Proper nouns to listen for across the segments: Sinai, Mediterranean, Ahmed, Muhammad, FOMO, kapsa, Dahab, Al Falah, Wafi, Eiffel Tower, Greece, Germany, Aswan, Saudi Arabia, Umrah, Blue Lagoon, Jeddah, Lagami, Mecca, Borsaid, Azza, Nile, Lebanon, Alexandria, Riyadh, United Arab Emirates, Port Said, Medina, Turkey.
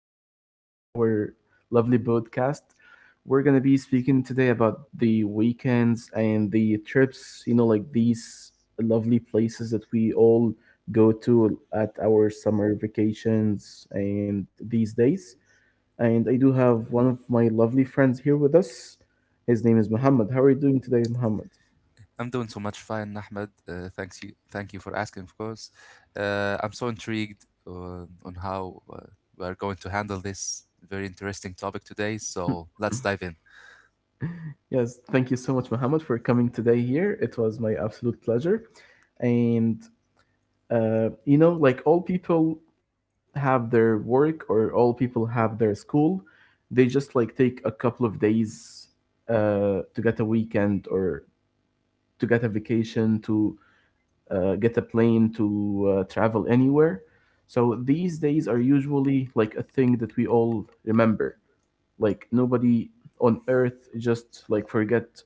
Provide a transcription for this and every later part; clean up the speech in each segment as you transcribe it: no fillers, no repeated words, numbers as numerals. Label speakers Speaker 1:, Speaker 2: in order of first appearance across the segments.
Speaker 1: episode here in our lovely podcast. We're gonna be speaking today about the weekends and the trips, you know, like these lovely places that we all go to at our summer vacations and these days. And I do have one of my lovely friends here with us. His name is Muhammad. How are you doing today, Muhammad?
Speaker 2: I'm doing so much fine, Ahmed. Thank you for asking, of course. I'm so intrigued on how we are going to handle this very interesting topic today. So let's dive in.
Speaker 1: Yes, thank you so much, Muhammad, for coming today here. It was my absolute pleasure. And you know, like all people have their work or all people have their school. They just like take a couple of days to get a weekend or to get a vacation, to get a plane, to travel anywhere. So these days are usually like a thing that we all remember. Like nobody on earth just like forget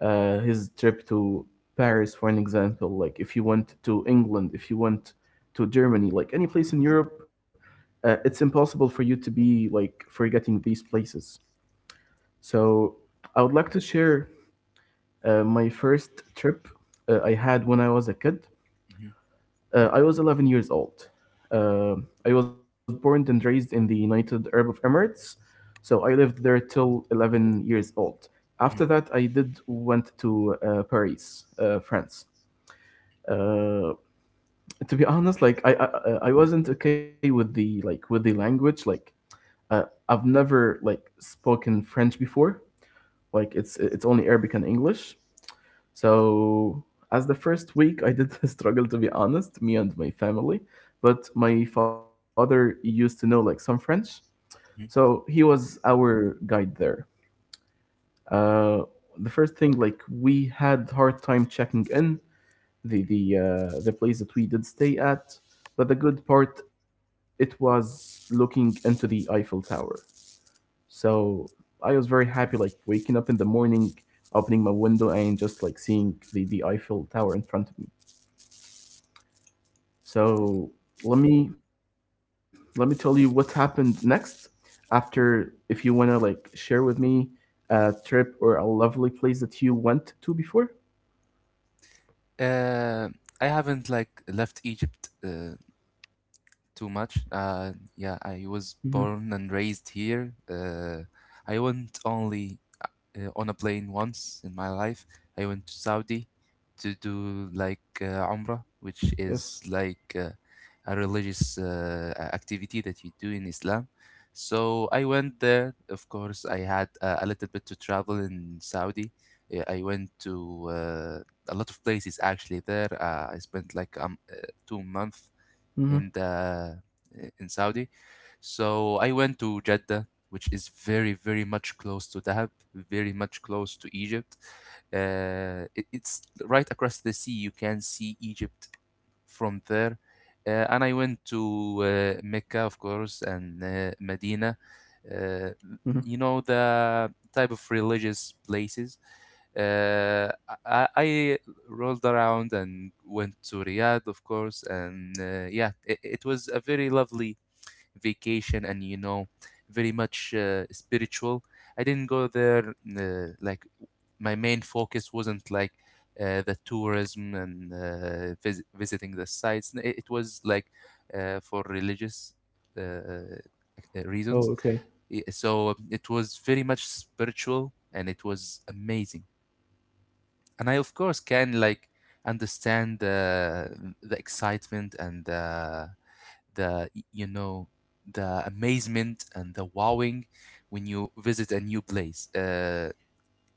Speaker 1: his trip to Paris, for an example, like if you went to England, if you went to Germany, like any place in Europe, it's impossible for you to be like forgetting these places. So I would like to share my first trip I had when I was a kid.
Speaker 2: Mhm,
Speaker 1: I was 11 years old. Uh, I was born and raised in the United Arab Emirates, so I lived there till 11 years old. After
Speaker 2: mhm,
Speaker 1: that, I did went to Paris, France. uh, to be honest, like I wasn't okay with the like with the language. Like I've never like spoken French before. Like it's only Arabic and English. So as the first week, I did struggle to be honest, me and my family. But my father used to know like some French,
Speaker 2: mhm.
Speaker 1: so he was our guide there. Uh, the first thing like we had hard time checking in the place that we did stay at. But the good part, it was looking into the Eiffel Tower. So I was very happy, like waking up in the morning, opening my window, and just like seeing the Eiffel Tower in front of me. So let me let me tell you what happened next. After, if you wanna like share with me a trip or a lovely place that you went to before.
Speaker 2: Uh, I haven't like left Egypt too much. Yeah,
Speaker 1: Mm-hmm.
Speaker 2: I was born and raised here. I went only on a plane once in my life. I went to Saudi to do like Umrah, which is
Speaker 1: Yes.
Speaker 2: like a religious activity that you do in Islam. So I went there. Of course, I had a little bit to travel in Saudi. Yeah, I went to a lot of places actually there. I spent like 2 months in
Speaker 1: Mm-hmm.
Speaker 2: the in Saudi. So I went to Jeddah, which is very very much close to Dahab, very much close to Egypt. It's right across the sea. You can see Egypt from there. And I went to Mecca, of course, and Medina. Uh,
Speaker 1: Mm-hmm.
Speaker 2: you know the type of religious places. Uh, I rolled around and went to Riyadh, of course. And yeah, it was a very lovely vacation and, you know, very much spiritual. I didn't go there like my main focus wasn't like the tourism and visiting the sites. It, it was like for religious
Speaker 1: Oh, okay.
Speaker 2: reasons. So it was very much spiritual and it was amazing, and I of course can like understand the excitement and the y- you know the amazement and the wowing when you visit a new place.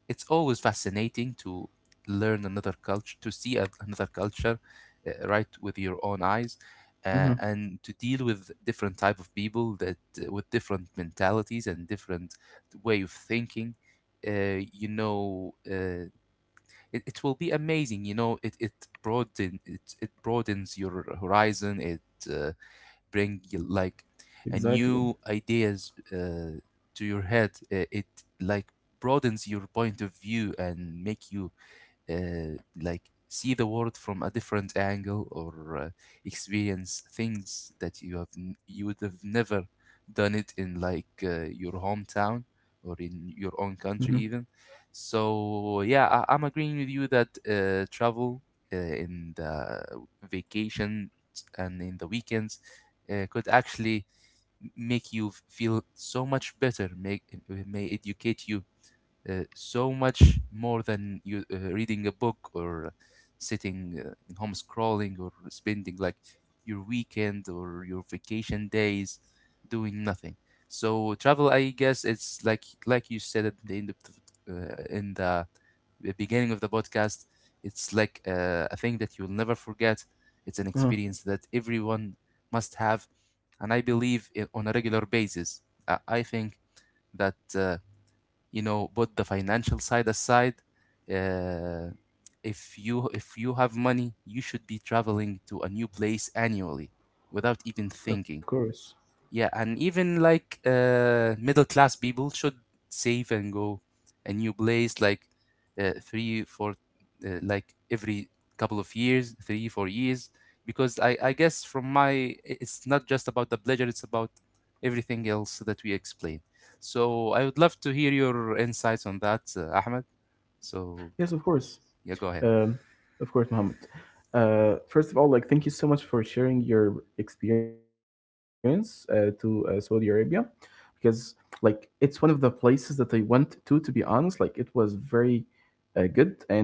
Speaker 2: It's always fascinating to learn another culture, to see another culture, right with your own eyes,
Speaker 1: Mm-hmm.
Speaker 2: and to deal with different type of people that with different mentalities and different way of thinking. uh, you know uh, it, it will be amazing, you know, it broadens your horizon. It uh, bring you,
Speaker 1: Exactly.
Speaker 2: like, a new ideas to your head. It, it like broadens your point of view and make you like see the world from a different angle, or experience things that you would have never done it in like your hometown or in your
Speaker 1: Mhm.
Speaker 2: own country even. So yeah, I'm agreeing with you that travel in the vacation and in the weekends could actually make feel so much better, make may educate you so much more than you reading a book or sitting in home scrolling or spending like your weekend or your vacation days doing nothing. So travel, I guess it's like you said at the end of the, in the the beginning of the podcast. It's like a thing that you'll never forget. It's an
Speaker 1: Uh-huh.
Speaker 2: experience that everyone must have, and I believe I on a regular basis. I think that. You know, put the financial side aside, uh, if you have money you should be traveling to a new place annually without
Speaker 1: Of
Speaker 2: even
Speaker 1: course.
Speaker 2: thinking. Yeah, and even like middle class people should save and go a new place like three, four, like every couple of years, three, 4 years. Because I guess from it's not just about the pleasure, it's about everything else that we explain. So I would love to hear your insights on that, Ahmed.
Speaker 1: Yes, of
Speaker 2: So
Speaker 1: course.
Speaker 2: yeah, go ahead.
Speaker 1: Um, of course, Mohammed. First of all, like, thank you so much for sharing your experience to Saudi Arabia, because like it's one of the places that I went to. To be honest, like it was very good, and I did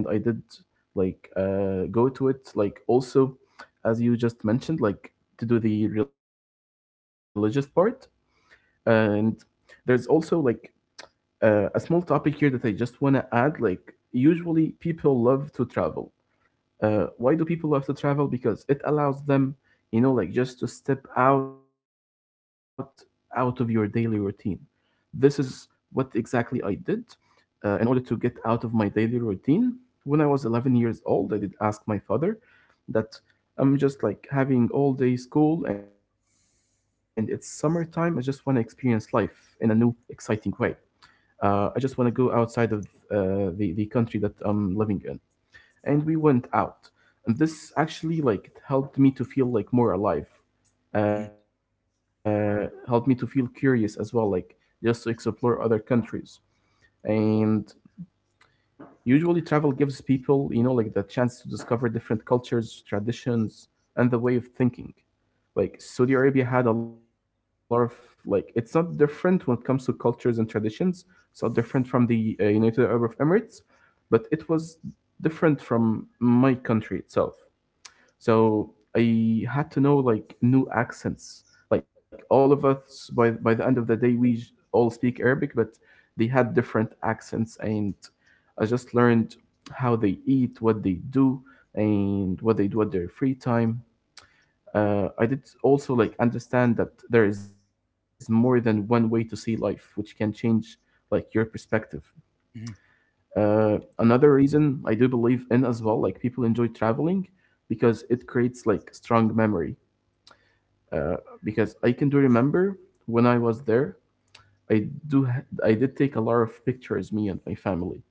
Speaker 1: like go to it. Like also, as you just mentioned, like to do the religious part, and there is also like a small topic here that I just want to add. Like, usually people love to travel. Why do people love to travel? Because it allows them, you know, like just to step out out of your daily routine. This is what exactly I did in order to get out of my daily routine. When I was 11 years old, I did ask my father that I'm just like having all day school and it's summertime. I just want to experience life in a new, exciting way I just want to go outside of the country that I'm living in." And we went out, and this actually like it helped me to feel like more alive.
Speaker 2: Mhm,
Speaker 1: Helped me to feel curious as well, like just to explore other countries. And usually, travel gives people, you know, like the chance to discover different cultures, traditions, and the way of thinking like Saudi Arabia had a lot of like it's not different when it comes to cultures and traditions. It's not different from the United Arab Emirates, but it was different from my country itself. So I had to know like new accents. Like all of us by the end of the day, all speak Arabic, but they had different accents, and I just learned how they eat, what they do, and what they do at their free time. I did also like understand that there is more than one way to see life, which can change like your perspective.
Speaker 2: mhm,
Speaker 1: Another reason I do believe in as well, like people enjoy traveling because it creates like strong memory. Uh, because I can do remember when I was there, I did take a lot of pictures, me and my family,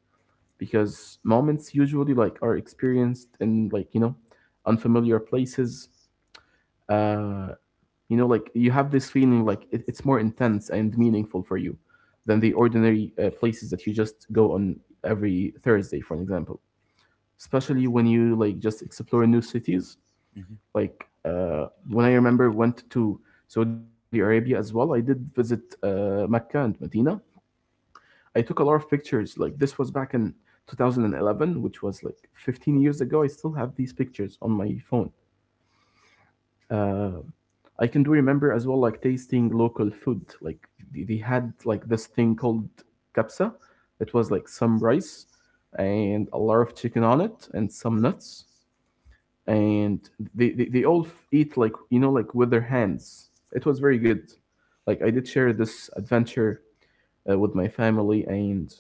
Speaker 1: because moments usually like are experienced in like you know unfamiliar places. Uh, You know, like you have this feeling like it, it's more intense and meaningful for you than the ordinary places that you just go on every Thursday, for an example. Especially when you like just explore new cities.
Speaker 2: mhm,
Speaker 1: Like when I remember went to Saudi Arabia as well, I did visit Mecca and Medina. I took a lot of pictures. Like this was back in 2011, which was like 15 years ago. I still have these pictures on my phone. uh, I can do remember as well, like tasting local food. Like they had like this thing called kapsa. It was like some rice and a lot of chicken on it and some nuts. And eat like, you know, like with their hands. It was very good. Like I did share this adventure with my family and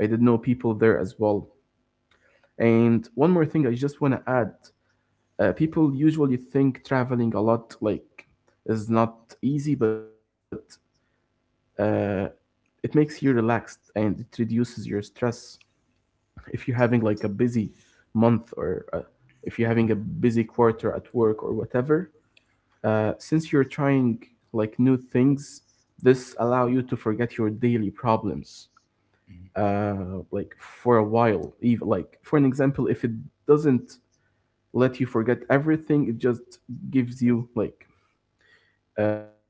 Speaker 1: I did know people there as well. And one more thing I just want to add people usually think traveling a lot like is not easy but uh, it makes you relaxed and it reduces your stress if you're having like a busy month or if you're having a busy quarter at work or whatever since you're trying like new things this allow you to forget your daily problems
Speaker 2: mhm.
Speaker 1: like for a while even like for an example if it doesn't let you forget everything it just gives you like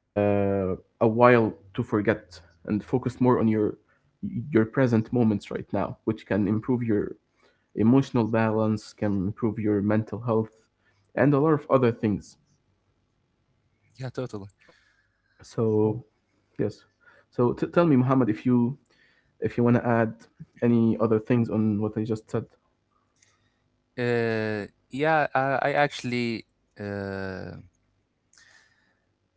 Speaker 1: a while to forget and focus more on your present moments right now, which can improve your emotional balance, can improve your mental health, and a lot of other things.
Speaker 2: Yeah, totally.
Speaker 1: So yes, so tell me, Muhammad, if you want to add any other things on what I just said.
Speaker 2: Yeah, I actually. Uh,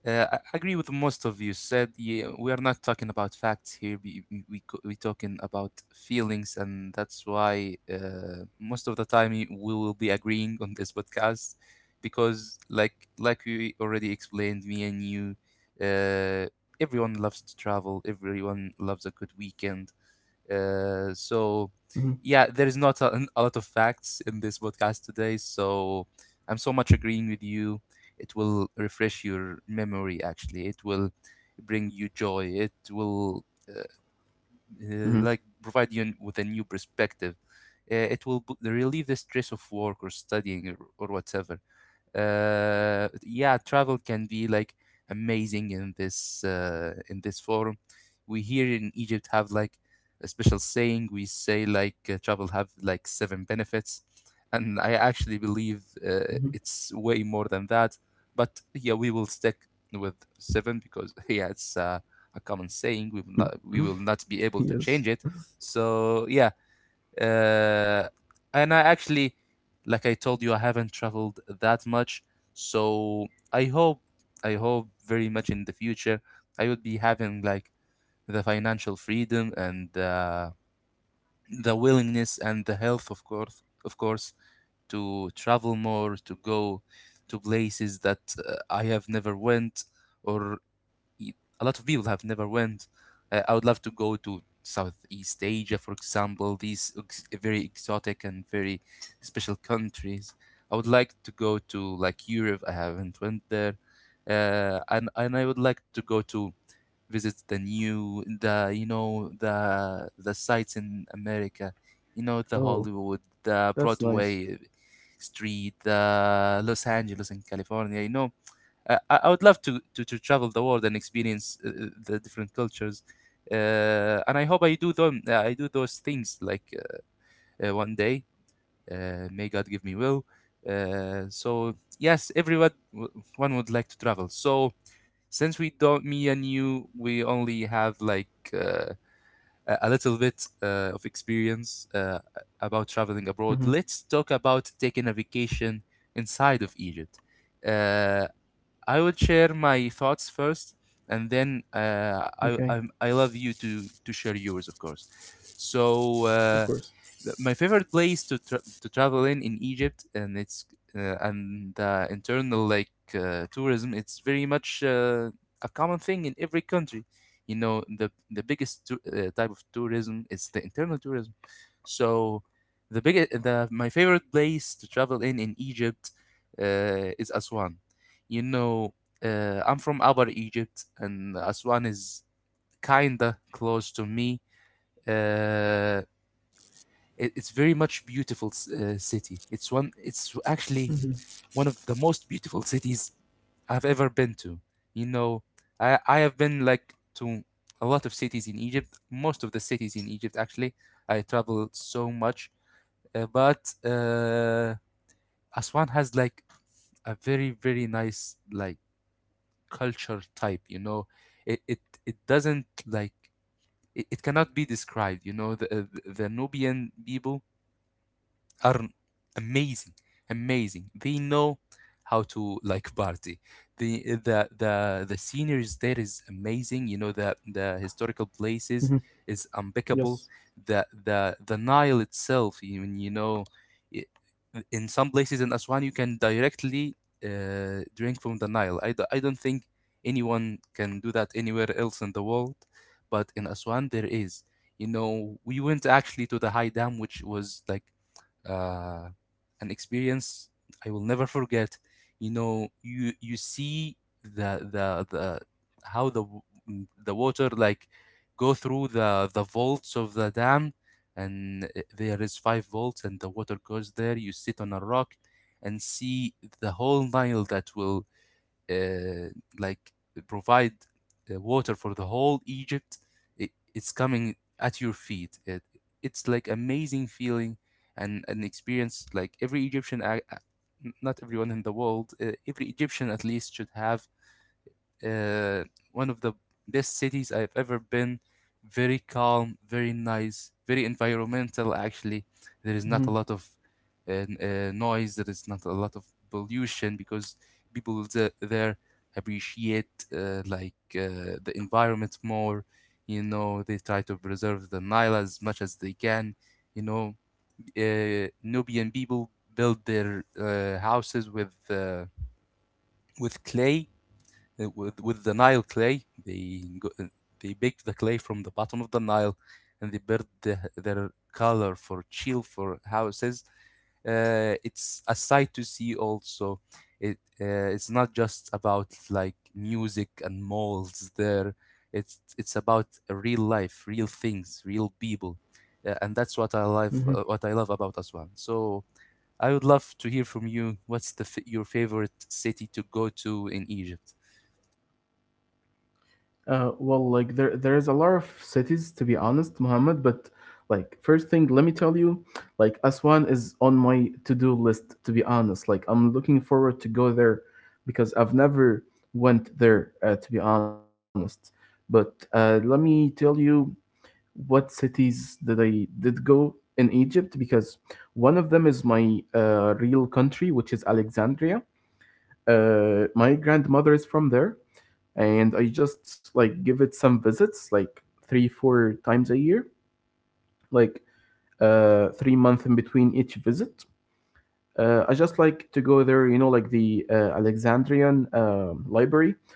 Speaker 2: I agree with most of you said. Yeah, we are not talking about facts here. We talking about feelings, and that's why most of the time we will be agreeing on this podcast, because like we already explained, me and you, uh, everyone loves to travel. Everyone loves a good weekend. So,
Speaker 1: Hmm.
Speaker 2: yeah, there is not a lot of facts in this podcast today. So, I'm so much agreeing with you. It will refresh your memory, actually. It will bring you joy. It will,
Speaker 1: Hmm.
Speaker 2: like, provide you with a new perspective. Relieve the stress of work or studying or whatever. Yeah, travel can be like amazing in this forum. We here in egypt have like a special saying. We say like travel have like 7 benefits, and I actually believe it's way more than that, but yeah we will stick with 7 because yeah it's a common saying. we will
Speaker 1: Hmm.
Speaker 2: not we will not be able to
Speaker 1: Yes.
Speaker 2: change it. So yeah, uh, and I actually, like I told you, I haven't traveled that much. So I hope, I hope very much in the future, I would be having like the financial freedom and the willingness and the health, of course, to travel more, to go to places that I have never went, or y- a lot of people have never went. I would love to go to Southeast Asia, for example, these very exotic and very special countries. I would like to go to like Europe. I haven't went there, and I would like to go to visit the new the you know the sites in America, you know the Hollywood, the
Speaker 1: Oh,
Speaker 2: Broadway
Speaker 1: that's nice.
Speaker 2: street, the Los Angeles in California. You know I would love to travel the world and experience the different cultures. And I hope I do them. I do those things like one day. May God give me will. So yes, everyone one would like to travel. So since we don't, me and you, we only have like a little bit of experience about traveling abroad.
Speaker 1: Hmm.
Speaker 2: Let's talk about taking a vacation inside of Egypt. Uh, I would share my thoughts first, and then uh,
Speaker 1: Okay,
Speaker 2: I, I I love you to share yours, of course. So
Speaker 1: of course.
Speaker 2: my favorite place to travel in Egypt, and it's and internal like tourism. It's very much a common thing in every country. You know, the type of tourism is the internal tourism. So, the biggest, the my favorite place to travel in Egypt is Aswan. You know, I'm from Upper Egypt, and Aswan is kinda close to me. Uh, it's very much beautiful city. It's actually
Speaker 1: Hmm.
Speaker 2: one of the most beautiful cities I've ever been to. You know, I have been like to a lot of cities in Egypt. Most of the cities in Egypt, actually, I travel so much. But Aswan has like a very very nice like culture type. You know, it doesn't like it cannot be described. You know, the Nubian people are amazing amazing. They know how to like party. The sceneries there is amazing. You know, the historical
Speaker 1: Hmm.
Speaker 2: places is impeccable.
Speaker 1: Yes.
Speaker 2: The nile itself, you know, i- in some places in aswan you can directly drink from the nile. I don't think anyone can do that anywhere else in the world, but in aswan there is. You know, we went actually to the high dam, which was like uh, an experience I will never forget. You know, you see the how the w- m- the water like go through the vaults of the dam, and there is 5 vaults, and the water goes there. You sit on a rock and see the whole Nile that will uh, like provide water for the whole Egypt. It's coming at your feet. It's like amazing feeling and an experience like every Egyptian, not everyone in the world, every Egyptian at least should have. uh, One of the best cities I've ever been. Very calm, very nice, very environmental. Actually, there is not a lot of
Speaker 1: Hmm.
Speaker 2: noise. There is not a lot of pollution because there appreciate like the environment more. You know, they try to preserve the Nile as much as they can. You know, Nubian people build their houses with clay, with the Nile clay. They baked the clay from the bottom of the Nile, and they built their color for chill for houses. It's a sight to see. Also, it uh, it's not just about like music and malls there. It's about real life, real things, real people, and that's what I love.
Speaker 1: Hmm.
Speaker 2: What I love about Aswan. So I would love to hear from you. What's your favorite city to go to in Egypt?
Speaker 1: Well, like there there's a lot of cities to be honest, Muhammad, but like first thing, let me tell you, like Aswan is on my to-do list to be honest. Like I'm looking forward to go there because I've never went there to be honest. But let me tell you what cities that I did go in Egypt because one of them is my real country, which is Alexandria. My grandmother is from there and I just like give it some visits, like 3, 4 times a year, like 3 months in between each visit. I just like to go there, you know, like the Alexandrian library,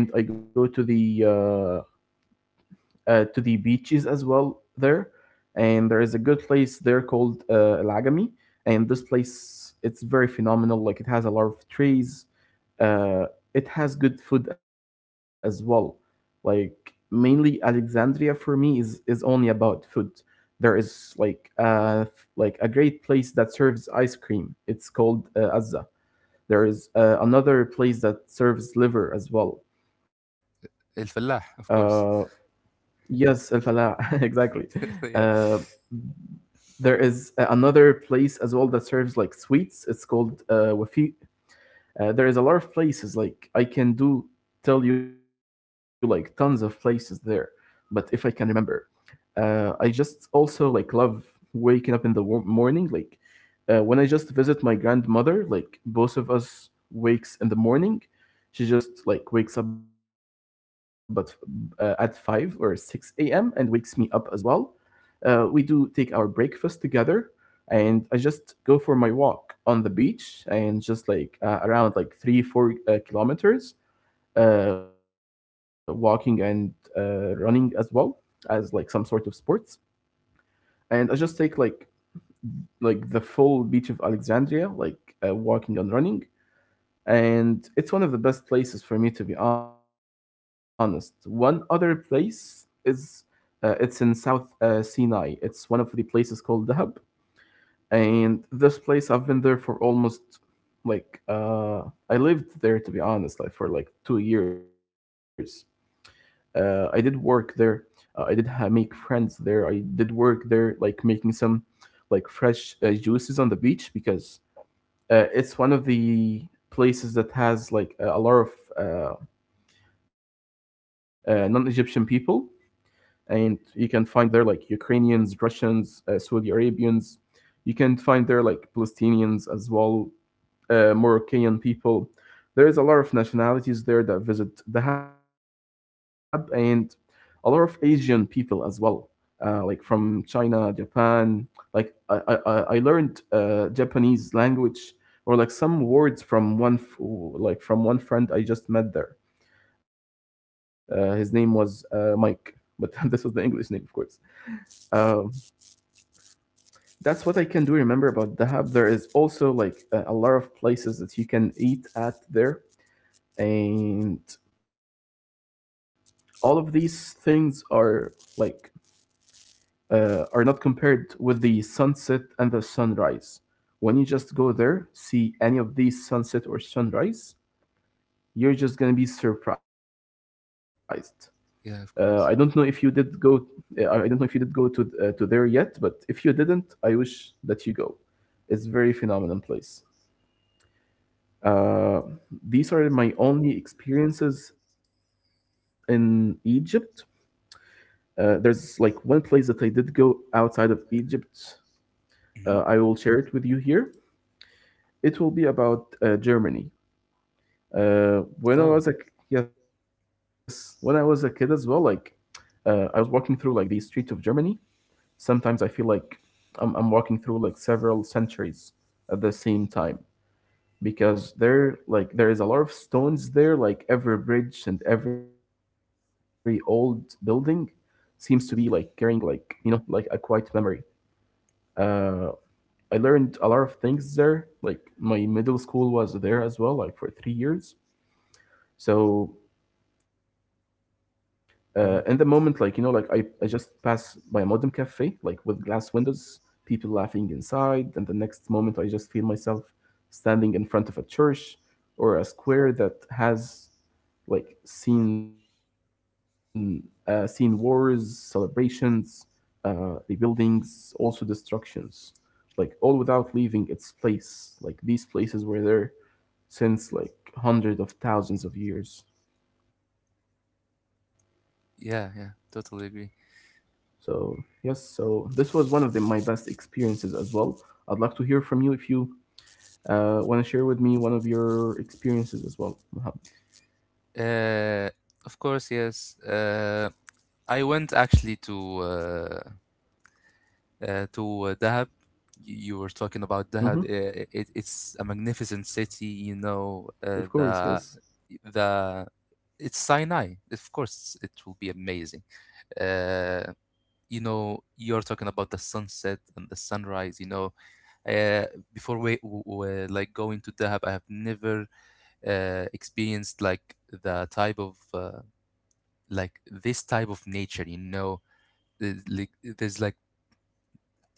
Speaker 1: and I go to the beaches as well there. And there is a good place there called Lagami, and this place it's very phenomenal. Like it has a lot of trees. Uh, it has good food as well. Like mainly Alexandria for me is only about food. There is like a great place that serves ice cream. It's called Azza. There is another place that serves liver as well.
Speaker 2: الفلاح,
Speaker 1: Uh,
Speaker 2: of course.
Speaker 1: yes, Al Falah, exactly.
Speaker 2: Yeah,
Speaker 1: Uh, there is another place as well that serves like sweets. It's called Wafi. There is a lot of places like I can do tell you like tons of places there, but if I can remember, I just also like love waking up in the morning. Like when I just visit my grandmother, like both of us wakes in the morning. She just like wakes up but at 5 or 6 a.m. and wakes me up as well. We do take our breakfast together, and I just go for my walk on the beach and just like around like three four kilometers walking and running as well as like some sort of sports. And I just take like the full beach of Alexandria, like walking and running. And it's one of the best places for me, to be honest. One other place is it's in South Sinai. It's one of the places called Dahab. And this place, I've been there for almost like I lived there, to be honest, like for like 2 years. I did work there. I did make friends there. I did work there, like making some like fresh juices on the beach because it's one of the places that has like a lot of uh, non-Egyptian people, and you can find there like Ukrainians, Russians, Saudi Arabians. You can find there like Palestinians as well, Moroccan people. There is a lot of nationalities there that visit Dahab and a lot of Asian people as well, like from China, Japan. Like I learned Japanese language or like some words from like from one friend I just met there. His name was Mike, but this was the English name, of course. Um, that's what I can do remember about Dahab. There is also like a lot of places that you can eat at there. And all of these things are not compared with the sunset and the sunrise. When you just go there, see any of these sunset or sunrise, you're just gonna be surprised. I don't know if you
Speaker 2: yeah, of
Speaker 1: did
Speaker 2: course.
Speaker 1: go. I don't know if you did go to there yet, but if you didn't, I wish that you go. It's very phenomenal place. Uh, these are my only experiences in Egypt. There's like one place that I did go outside of Egypt. I will
Speaker 2: Hmm.
Speaker 1: share it with you here. It will be about Germany. When I
Speaker 2: Oh.
Speaker 1: was a Yes, when I was a kid as well, like I was walking through like the streets of Germany. Sometimes I feel like I'm walking through like several centuries at the same time because there is a lot of stones there. Like every bridge and every old building seems to be like carrying like like a quiet memory. uh, I learned a lot of things there. Like my middle school was there as well, like for 3 years. So in the moment, like like I,
Speaker 2: Hmm.
Speaker 1: I just pass by a modern cafe, like with glass windows, people laughing inside, and the next moment I just feel myself standing in front of a church or a square that has like seen wars, celebrations, rebuildings, also destructions, like all without leaving its place. Like these places were there since like hundreds of thousands of years.
Speaker 2: Yeah, yeah, totally agree.
Speaker 1: So yes, so this was my best experiences as well. I'd like to hear from you if you want to share with me one of your experiences as well, Mohammed.
Speaker 2: uh of course, yes. I went actually uh, to Dahab. You were
Speaker 1: Mm-hmm.
Speaker 2: talking about Dahab. It's a magnificent city, you know.
Speaker 1: Of
Speaker 2: Uh,
Speaker 1: course, yes.
Speaker 2: the the It's Sinai, of course. It will be amazing. Uh, you know, you're talking about the sunset and the sunrise. Uh, Before like going to Dahab, I have never experienced like the type of like this type of nature, you know. There's like there's like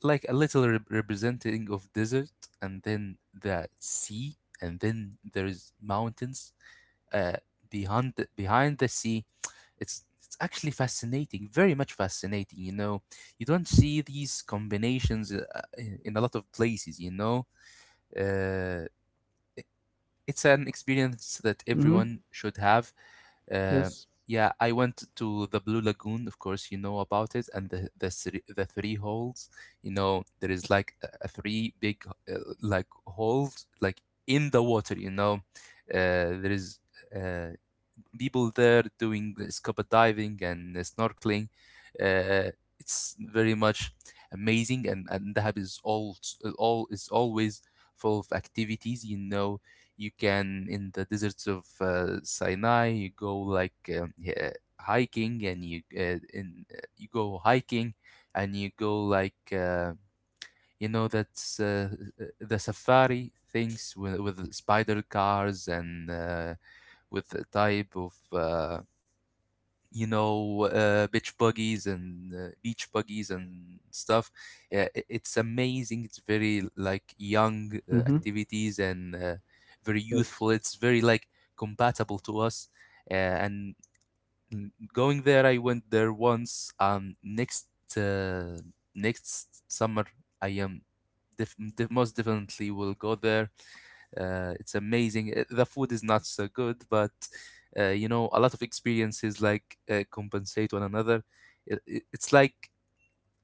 Speaker 2: like a little representing of desert, and then the sea, and then there is mountains uh, behind the sea. It's actually fascinating, very much fascinating, you know. You don't see these combinations in a lot of places, you know. uh, it's an experience that everyone
Speaker 1: Mm-hmm.
Speaker 2: should have. uh,
Speaker 1: Yes.
Speaker 2: yeah, I went to the Blue Lagoon, of course. You know about it, and the three holes. You know, there is like a three big like holes, like in the water. You know, there is. Uh, People there doing scuba diving and snorkeling. Uh, it's very much amazing, and Dahab is all is always full of activities. You know, you can in the deserts of Sinai, you go like yeah, hiking, and you go hiking, and you go like. You know, that's the safari things with spider cars and with the type of you know bitch buggies and beach buggies and stuff. Yeah, it's amazing. It's very like young
Speaker 1: Mm-hmm.
Speaker 2: activities, and very youthful.
Speaker 1: Yes.
Speaker 2: It's very like compatible to us. Uh, and mm, going there I went there once. Uh, next summer, I am most definitely will go there. It's amazing. The food is not so good, but you know, a lot of experiences like compensate one another. It's like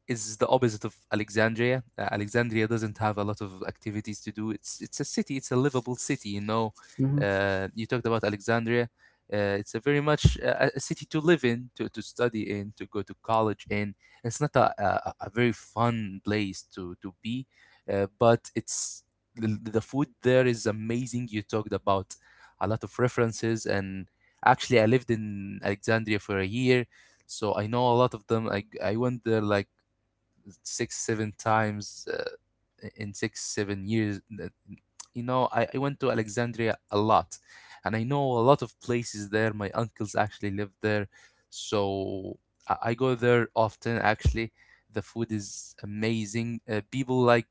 Speaker 2: is the opposite of Alexandria. Alexandria doesn't have a lot of activities to do. It's a city. It's a livable city. You know, you talked
Speaker 1: Mm-hmm.
Speaker 2: about Alexandria. It's a very much a city to live in, to study in, to go to college in. It's not a very fun place to be, but the food there is amazing. You talked about a lot of references, and actually, I lived in Alexandria for a year, so I know a lot of them. I went there like six, seven times in six seven years you know, I went to alexandria a lot, and I know a lot of places there. My uncles actually live there, so I go there often actually. The food is amazing. People like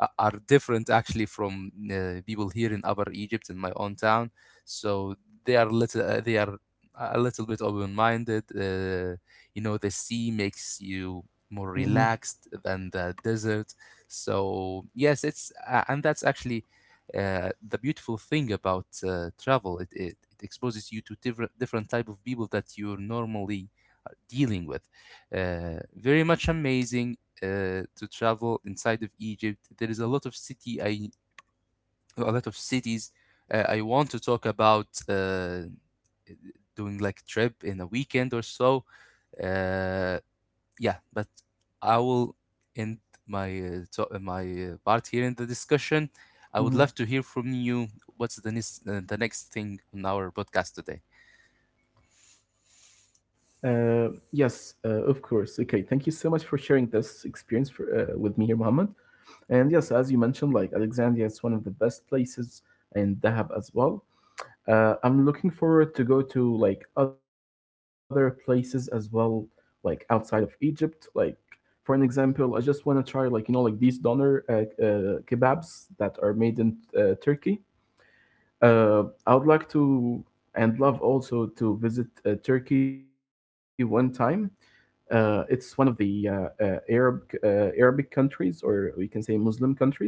Speaker 2: are different actually from people here in upper egypt, in my own town. So they are a little bit open-minded. You know, the sea makes you more relaxed than
Speaker 1: Mm-hmm.
Speaker 2: the desert. So yes, it's and that's actually the beautiful thing about travel. It exposes you to different type of people that you're normally dealing with. Very much amazing to travel inside of Egypt. There is a lot of city I A lot of cities I want to talk about. Doing like trip in a weekend or so. uh, yeah, but I will end my part here in the discussion. I would love to hear from you.
Speaker 1: Mm-hmm.
Speaker 2: What's the next thing on our podcast today?
Speaker 1: Yes, of course. Okay, thank you so much for sharing this experience with me here, Mohammed. And yes, as you mentioned, like Alexandria is one of the best places, and Dahab as well. I'm looking forward to go to like other places as well, like outside of Egypt. Like for an example, I just want to try like like these doner kebabs that are made in Turkey. I would like to and love also to visit Turkey one time. It's one of the Arabic countries, or we can say Muslim countries,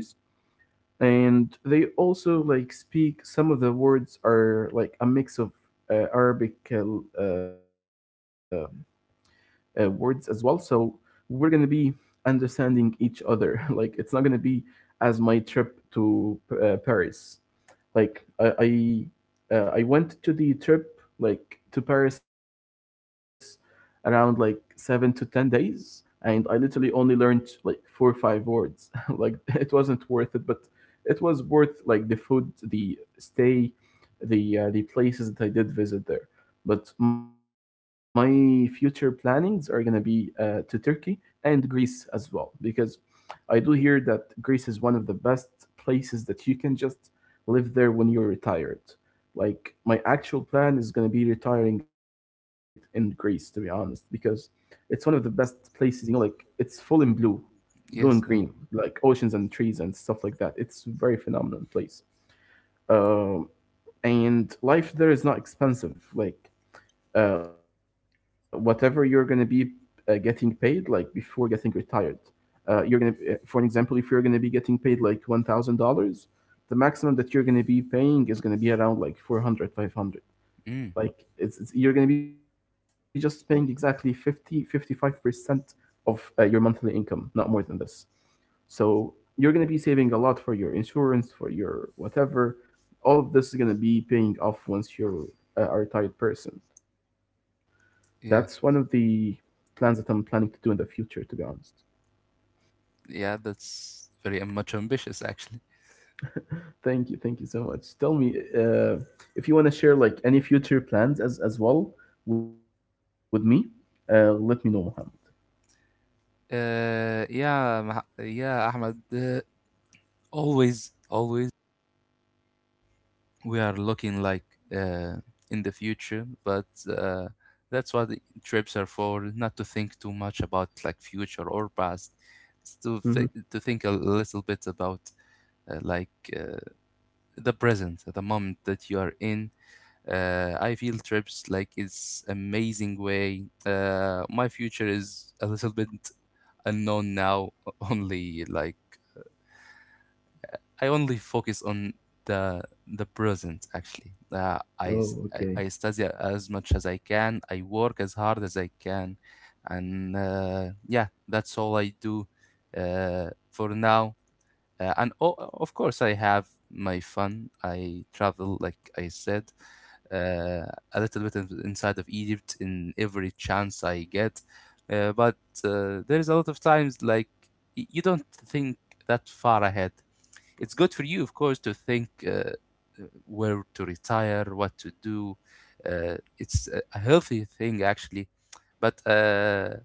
Speaker 1: and they also like speak. Some of the words are like a mix of Arabic uh, words as well. So we're gonna be understanding each other. Like it's not gonna be as my trip to Paris. Like I went to the trip like to Paris around like 7 to 10 days, and I literally only learned like four or five words. like it wasn't worth it, but it was worth like the food, the stay, the places that I did visit there. But my future plannings are gonna be to Turkey and Greece as well because I do hear that Greece is one of the best places that you can just live there when you're retired. Like my actual plan is gonna be retiring in Greece, to be honest, because it's one of the best places. You know, like it's full in blue, and
Speaker 2: Yes.
Speaker 1: green, like oceans and trees and stuff like that. It's a very phenomenal place. Um, and life there is not expensive. Like whatever you're gonna be getting paid, like before getting retired, for an example, if you're gonna be getting paid like $1,000, the maximum that you're gonna be paying is gonna be around like 400, 500.
Speaker 2: Mm,
Speaker 1: Like it's you're gonna be just paying exactly 50, 55% of your monthly income, not more than this. So you're gonna be saving a lot for your insurance, for your whatever. All of this is gonna be paying off once you're a retired person. That's one of
Speaker 2: yeah.
Speaker 1: the plans that I'm planning to do in the future, to be honest.
Speaker 2: Yeah. That's very much ambitious, actually.
Speaker 1: Thank you so much. Tell me if you want to share like any future plans as well with me. Let me know, Mohammed.
Speaker 2: Yeah. Yeah, Ahmed. Always, always. We are looking like uh, in the future, but uh, that's what the trips are for, not to think too much about like future or past. It's
Speaker 1: Mm-hmm.
Speaker 2: to think a little bit about like uh, the present, the moment that you are in. I feel trips like it's amazing way. My future is a little bit unknown now only like I only focus on the present actually. I,
Speaker 1: Oh,
Speaker 2: s-
Speaker 1: okay.
Speaker 2: I study as much as I can. I work as hard as I can, and yeah, that's all I do for now. And o Of course, I have my fun. I travel, like I said, uh, a little bit inside of Egypt in every chance I get. But there is a lot of times like you don't think that far ahead. It's good for you, of course, to think where to retire, what to do. It's a healthy thing, actually. But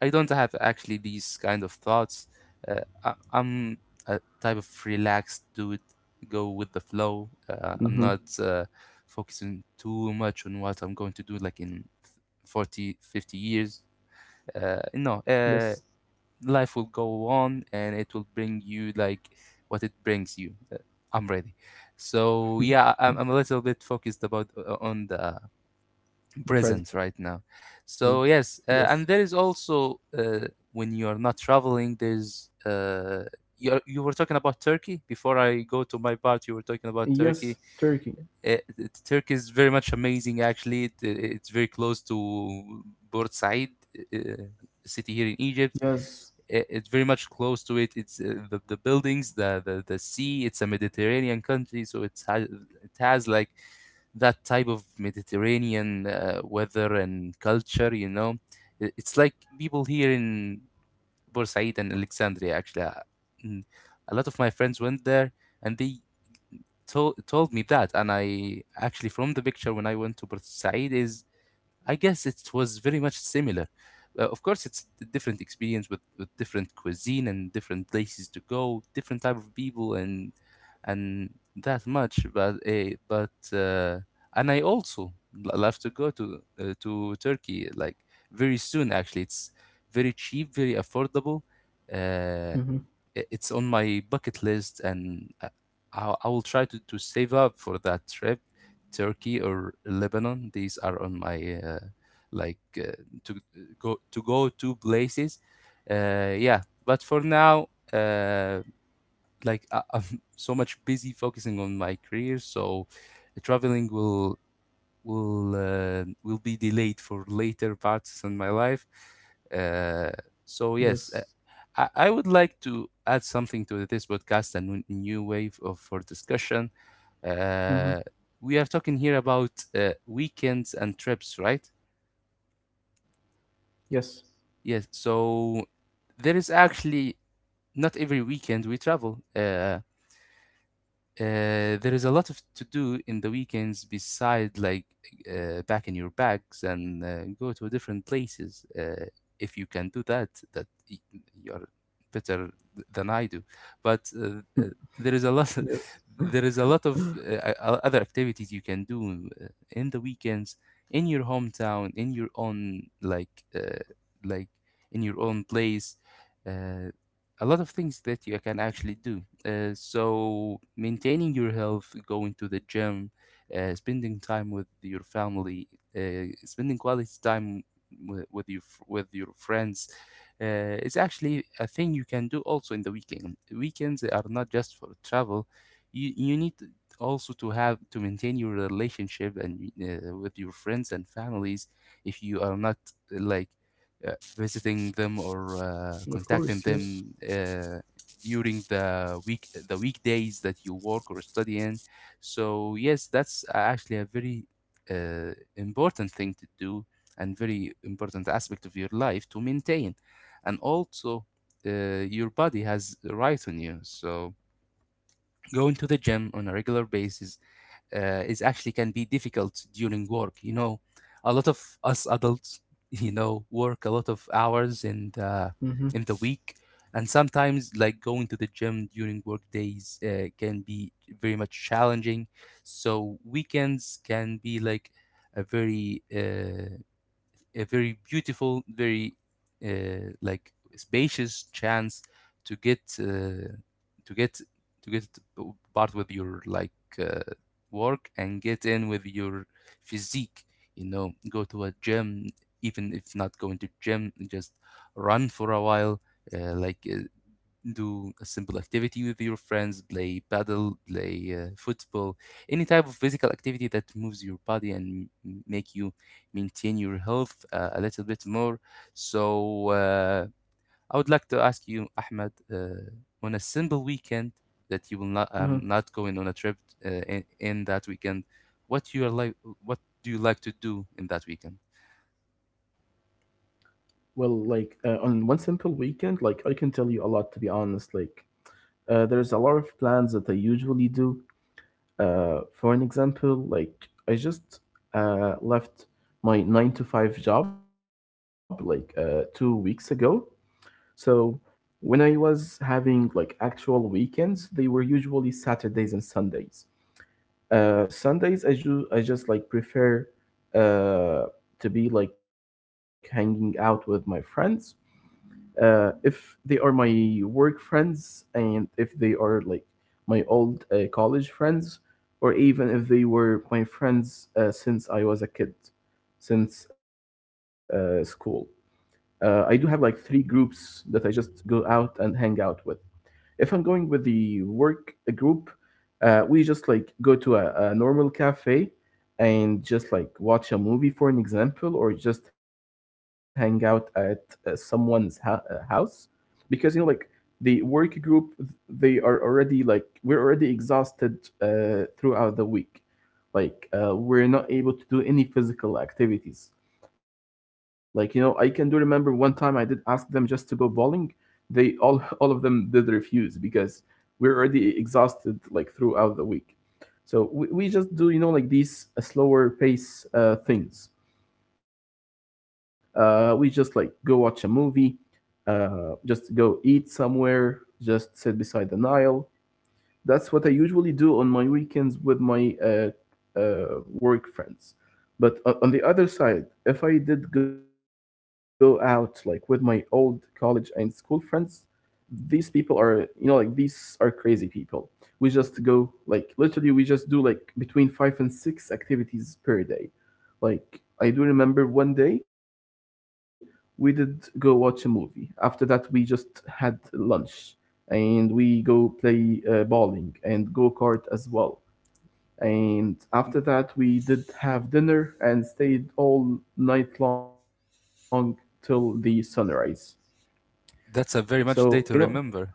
Speaker 2: I don't have actually these kind of thoughts. I'm a type of relaxed dude, go with the flow. I'm
Speaker 1: Mm-hmm.
Speaker 2: not focusing too much on what I'm going to do, like in 40, 50 years.
Speaker 1: Yes,
Speaker 2: No, life will go on and it will bring you like what it brings you. I'm ready. So yeah, I'm a little bit focused about on the
Speaker 1: the
Speaker 2: present
Speaker 1: present.
Speaker 2: right now.
Speaker 1: Yes.
Speaker 2: So yes, and there is also when you are not traveling, there's you were talking about Turkey before I go to my part. You were talking about Turkey.
Speaker 1: Yes, Turkey.
Speaker 2: Turkey is very much amazing. Actually, it's very close to Port Said, city here in Egypt.
Speaker 1: Yes.
Speaker 2: It's very much close to it. It's the buildings, the sea. It's a Mediterranean country, so it has like that type of Mediterranean weather and culture. You know, it's like people here in Borsaid and Alexandria. Actually, mm, a lot of my friends went there, and they told me that. And I actually from the picture when I went to Borsaid is I guess it was very much similar. Of course, it's a different experience with different cuisine and different places to go, different type of people, and that much. But And I also love to go to Turkey like very soon. Actually, it's very cheap, very affordable.
Speaker 1: Mm-hmm.
Speaker 2: Uh, it's on my bucket list, and I will try to save up for that trip. Turkey or Lebanon, these are on my like to to go to places. Yeah, but for now, like I'm so much busy focusing on my career, so traveling will be delayed for later parts in my life. Uh,
Speaker 1: Yes.
Speaker 2: so yes, I would like to add something to this podcast, a new wave of for discussion.
Speaker 1: Mm-hmm.
Speaker 2: Uh, we are talking here about weekends and trips, right?
Speaker 1: Yes.
Speaker 2: Yes. So there is actually not every weekend we travel. There is a lot of to do in the weekends beside like packing your bags and go to different places. If you can do that, you're better than I do. But there is a lot,
Speaker 1: Yes.
Speaker 2: there is a lot of other activities you can do in the weekends, in your hometown, in your own like in your own place. Uh, a lot of things that you can actually do. So maintaining your health, going to the gym, spending time with your family, spending quality time with your friends, is actually a thing you can do also in the weekend. Weekends are not just for travel. You also to have to maintain your relationship and with your friends and families, if you are not like visiting them or
Speaker 1: Of
Speaker 2: contacting
Speaker 1: course. Yes.
Speaker 2: them during the weekdays that you work or study in. So yes, that's actually a very important thing to do, and very important aspect of your life to maintain. And also your body has a right on you, so going to the gym on a regular basis is actually can be difficult during work. You know, a lot of us adults, you know, work a lot of hours in the
Speaker 1: Mm-hmm.
Speaker 2: in the week, and sometimes like going to the gym during work days can be very much challenging. So weekends can be like a very uh, a very beautiful, very like spacious chance to get uh, to get to get part with your uh, work and get in with your physique. You know, go to a gym, even if not going to gym, just run for a while. Like do a simple activity with your friends, play paddle, play football, any type of physical activity that moves your body and make you maintain your health a little bit more. So I would like to ask you, Ahmed, on a simple weekend that you will not are
Speaker 1: Uh-huh.
Speaker 2: not going on a trip in that weekend, what you are like, what do you like to do in that weekend?
Speaker 1: Well, like on one simple weekend, like I can tell you a lot to be honest. Like there's a lot of plans that I usually do. For an example, like I just left my nine to five job like 2 weeks ago. So when I was having like actual weekends, they were usually Saturdays and Sundays. Sundays, I just like prefer uh, to be like hanging out with my friends. If they are my work friends, and if they are like my old college friends, or even if they were my friends since I was a kid, since school. I do have like three groups that I just go out and hang out with. If I'm going with the work group, we just like go to a normal cafe and just like watch a movie for an example, or just hang out at someone's house, because like the work group they are already like we're already exhausted throughout the week, like we're not able to do any physical activities. Like I can do remember one time I did ask them just to go bowling. They All of them did refuse because we're already exhausted like throughout the week. So we just do like these slower pace things. We just like go watch a movie, just go eat somewhere, just sit beside the Nile. That's what I usually do on my weekends with my work friends. But on the other side, if I did go out like with my old college and school friends, these are crazy people. We just go, like literally, we just do like between five and six activities per day. Like I do remember one day we did go watch a movie. After that, we just had lunch, and we go play bowling and go kart as well. And after that we did have dinner and stayed all night long till the sunrise
Speaker 2: That's a
Speaker 1: so
Speaker 2: very
Speaker 1: you
Speaker 2: much
Speaker 1: know
Speaker 2: day to remember.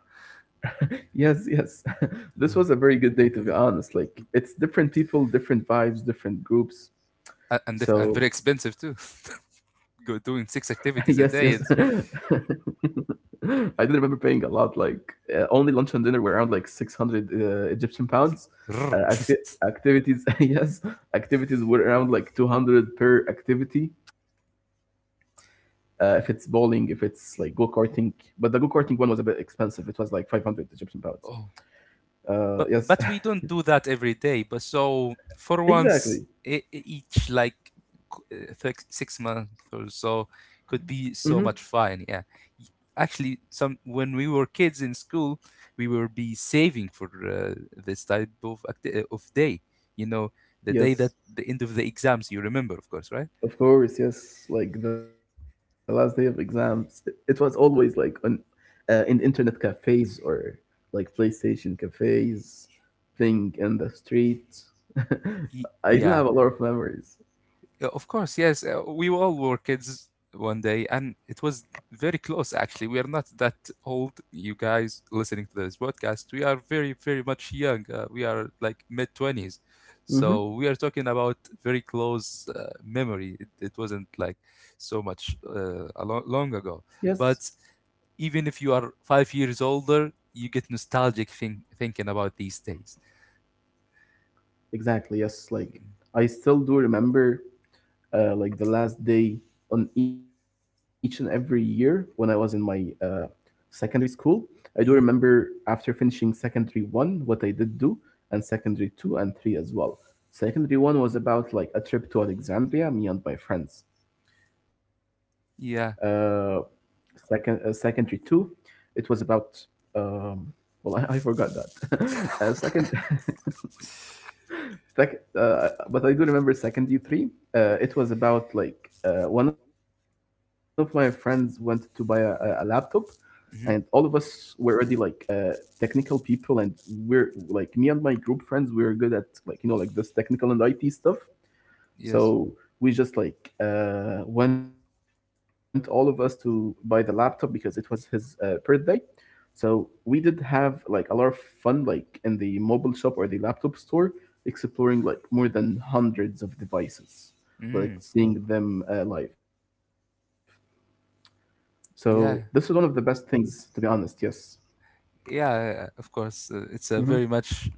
Speaker 1: Yes, yes. This was a very good day, to be honest. Like, it's different people, different vibes, different groups.
Speaker 2: A- and if, and very
Speaker 1: So,
Speaker 2: expensive too.
Speaker 1: yes,
Speaker 2: Go
Speaker 1: yes.
Speaker 2: doing six
Speaker 1: I
Speaker 2: activities a day. It's
Speaker 1: did remember paying a lot. Like, only lunch and dinner were around like 600 Egyptian pounds. Uh, acti Activities, yes, activities were around like 200 per activity. If it's bowling, if it's like go-karting, but the go-karting one was a bit expensive. It was like 500 Egyptian pounds.
Speaker 2: oh,
Speaker 1: Uh,
Speaker 2: but
Speaker 1: yes,
Speaker 2: but we don't do that every day. But so For once,
Speaker 1: exactly.
Speaker 2: each six six months or so
Speaker 1: Hmm.
Speaker 2: could be so much fun. Yeah, Y- actually, some when we were kids in school, we will be saving for this type of day. You know, the day that
Speaker 1: Yes,
Speaker 2: the end of the exams. You remember, of course, right?
Speaker 1: of course. Yes, like the last day of exams, it was always like on in internet cafes or like PlayStation cafes, playing in the street. I do
Speaker 2: Yeah.
Speaker 1: have a lot of memories.
Speaker 2: Yeah, of course, yes. We all were kids one day, and it was very close, actually. We are not that old, you guys listening to this podcast. We are very, very much young. We are like mid 20s.
Speaker 1: Hmm.
Speaker 2: So we are talking about very close memory. It wasn't like so much
Speaker 1: Yes,
Speaker 2: long ago. But even if you are 5 years older, you get nostalgic thinking about these days.
Speaker 1: exactly. Yes, like I still do remember like the last day on each and every year when I was in my secondary school. I do
Speaker 2: Hmm.
Speaker 1: remember after finishing secondary one, what I did do, and secondary two and three as well. Secondary one was about like a trip to Alexandria, me and my friends. Uh,
Speaker 2: Yeah.
Speaker 1: Secondary two, it was about um, well, I forgot that. But I do remember second U three. It was about like one of my friends went to buy a laptop, and all of us
Speaker 2: Hmm.
Speaker 1: were already like technical people, and we're like me and my group friends. We were good at like like this technical and IT stuff.
Speaker 2: Yes.
Speaker 1: So we just like went all of us to buy the laptop because it was his birthday, so we did have like a lot of fun, like in the mobile shop or the laptop store, exploring like more than hundreds of devices, like
Speaker 2: Mm.
Speaker 1: seeing them live. So this was one of the
Speaker 2: Yeah.
Speaker 1: best things, to be honest. Yes.
Speaker 2: Yeah, yeah, yeah, of course, it's a
Speaker 1: Mm-hmm.
Speaker 2: very much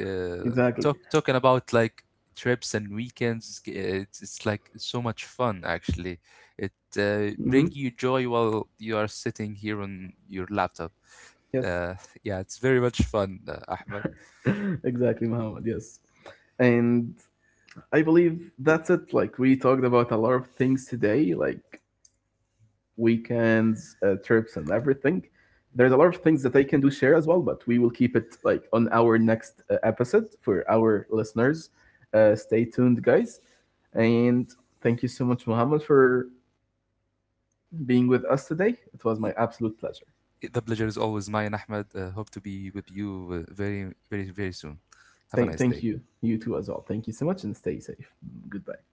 Speaker 2: uh,
Speaker 1: Exactly.
Speaker 2: talking about like trips and weekends. It's like so much fun actually.
Speaker 1: Mm-hmm.
Speaker 2: It bring you joy while you are sitting here on your laptop.
Speaker 1: Yes.
Speaker 2: uh, yeah, it's very much fun, Ahmed.
Speaker 1: Exactly, Muhammad. Yes. And I believe that's it. Like we talked about a lot of things today, like weekends, trips, and everything. There is a lot of things that I can do share as well, but we will keep it like on our next episode for our listeners. Stay tuned, guys, and thank you so much, Muhammad, for being with us today. It was my absolute pleasure.
Speaker 2: Y- the pleasure is always mine, Ahmed. Hope to be with you very, very, very soon. Have a
Speaker 1: Thank,
Speaker 2: nice day.
Speaker 1: thank you, you too as well. Thank you so much, and stay safe. Goodbye.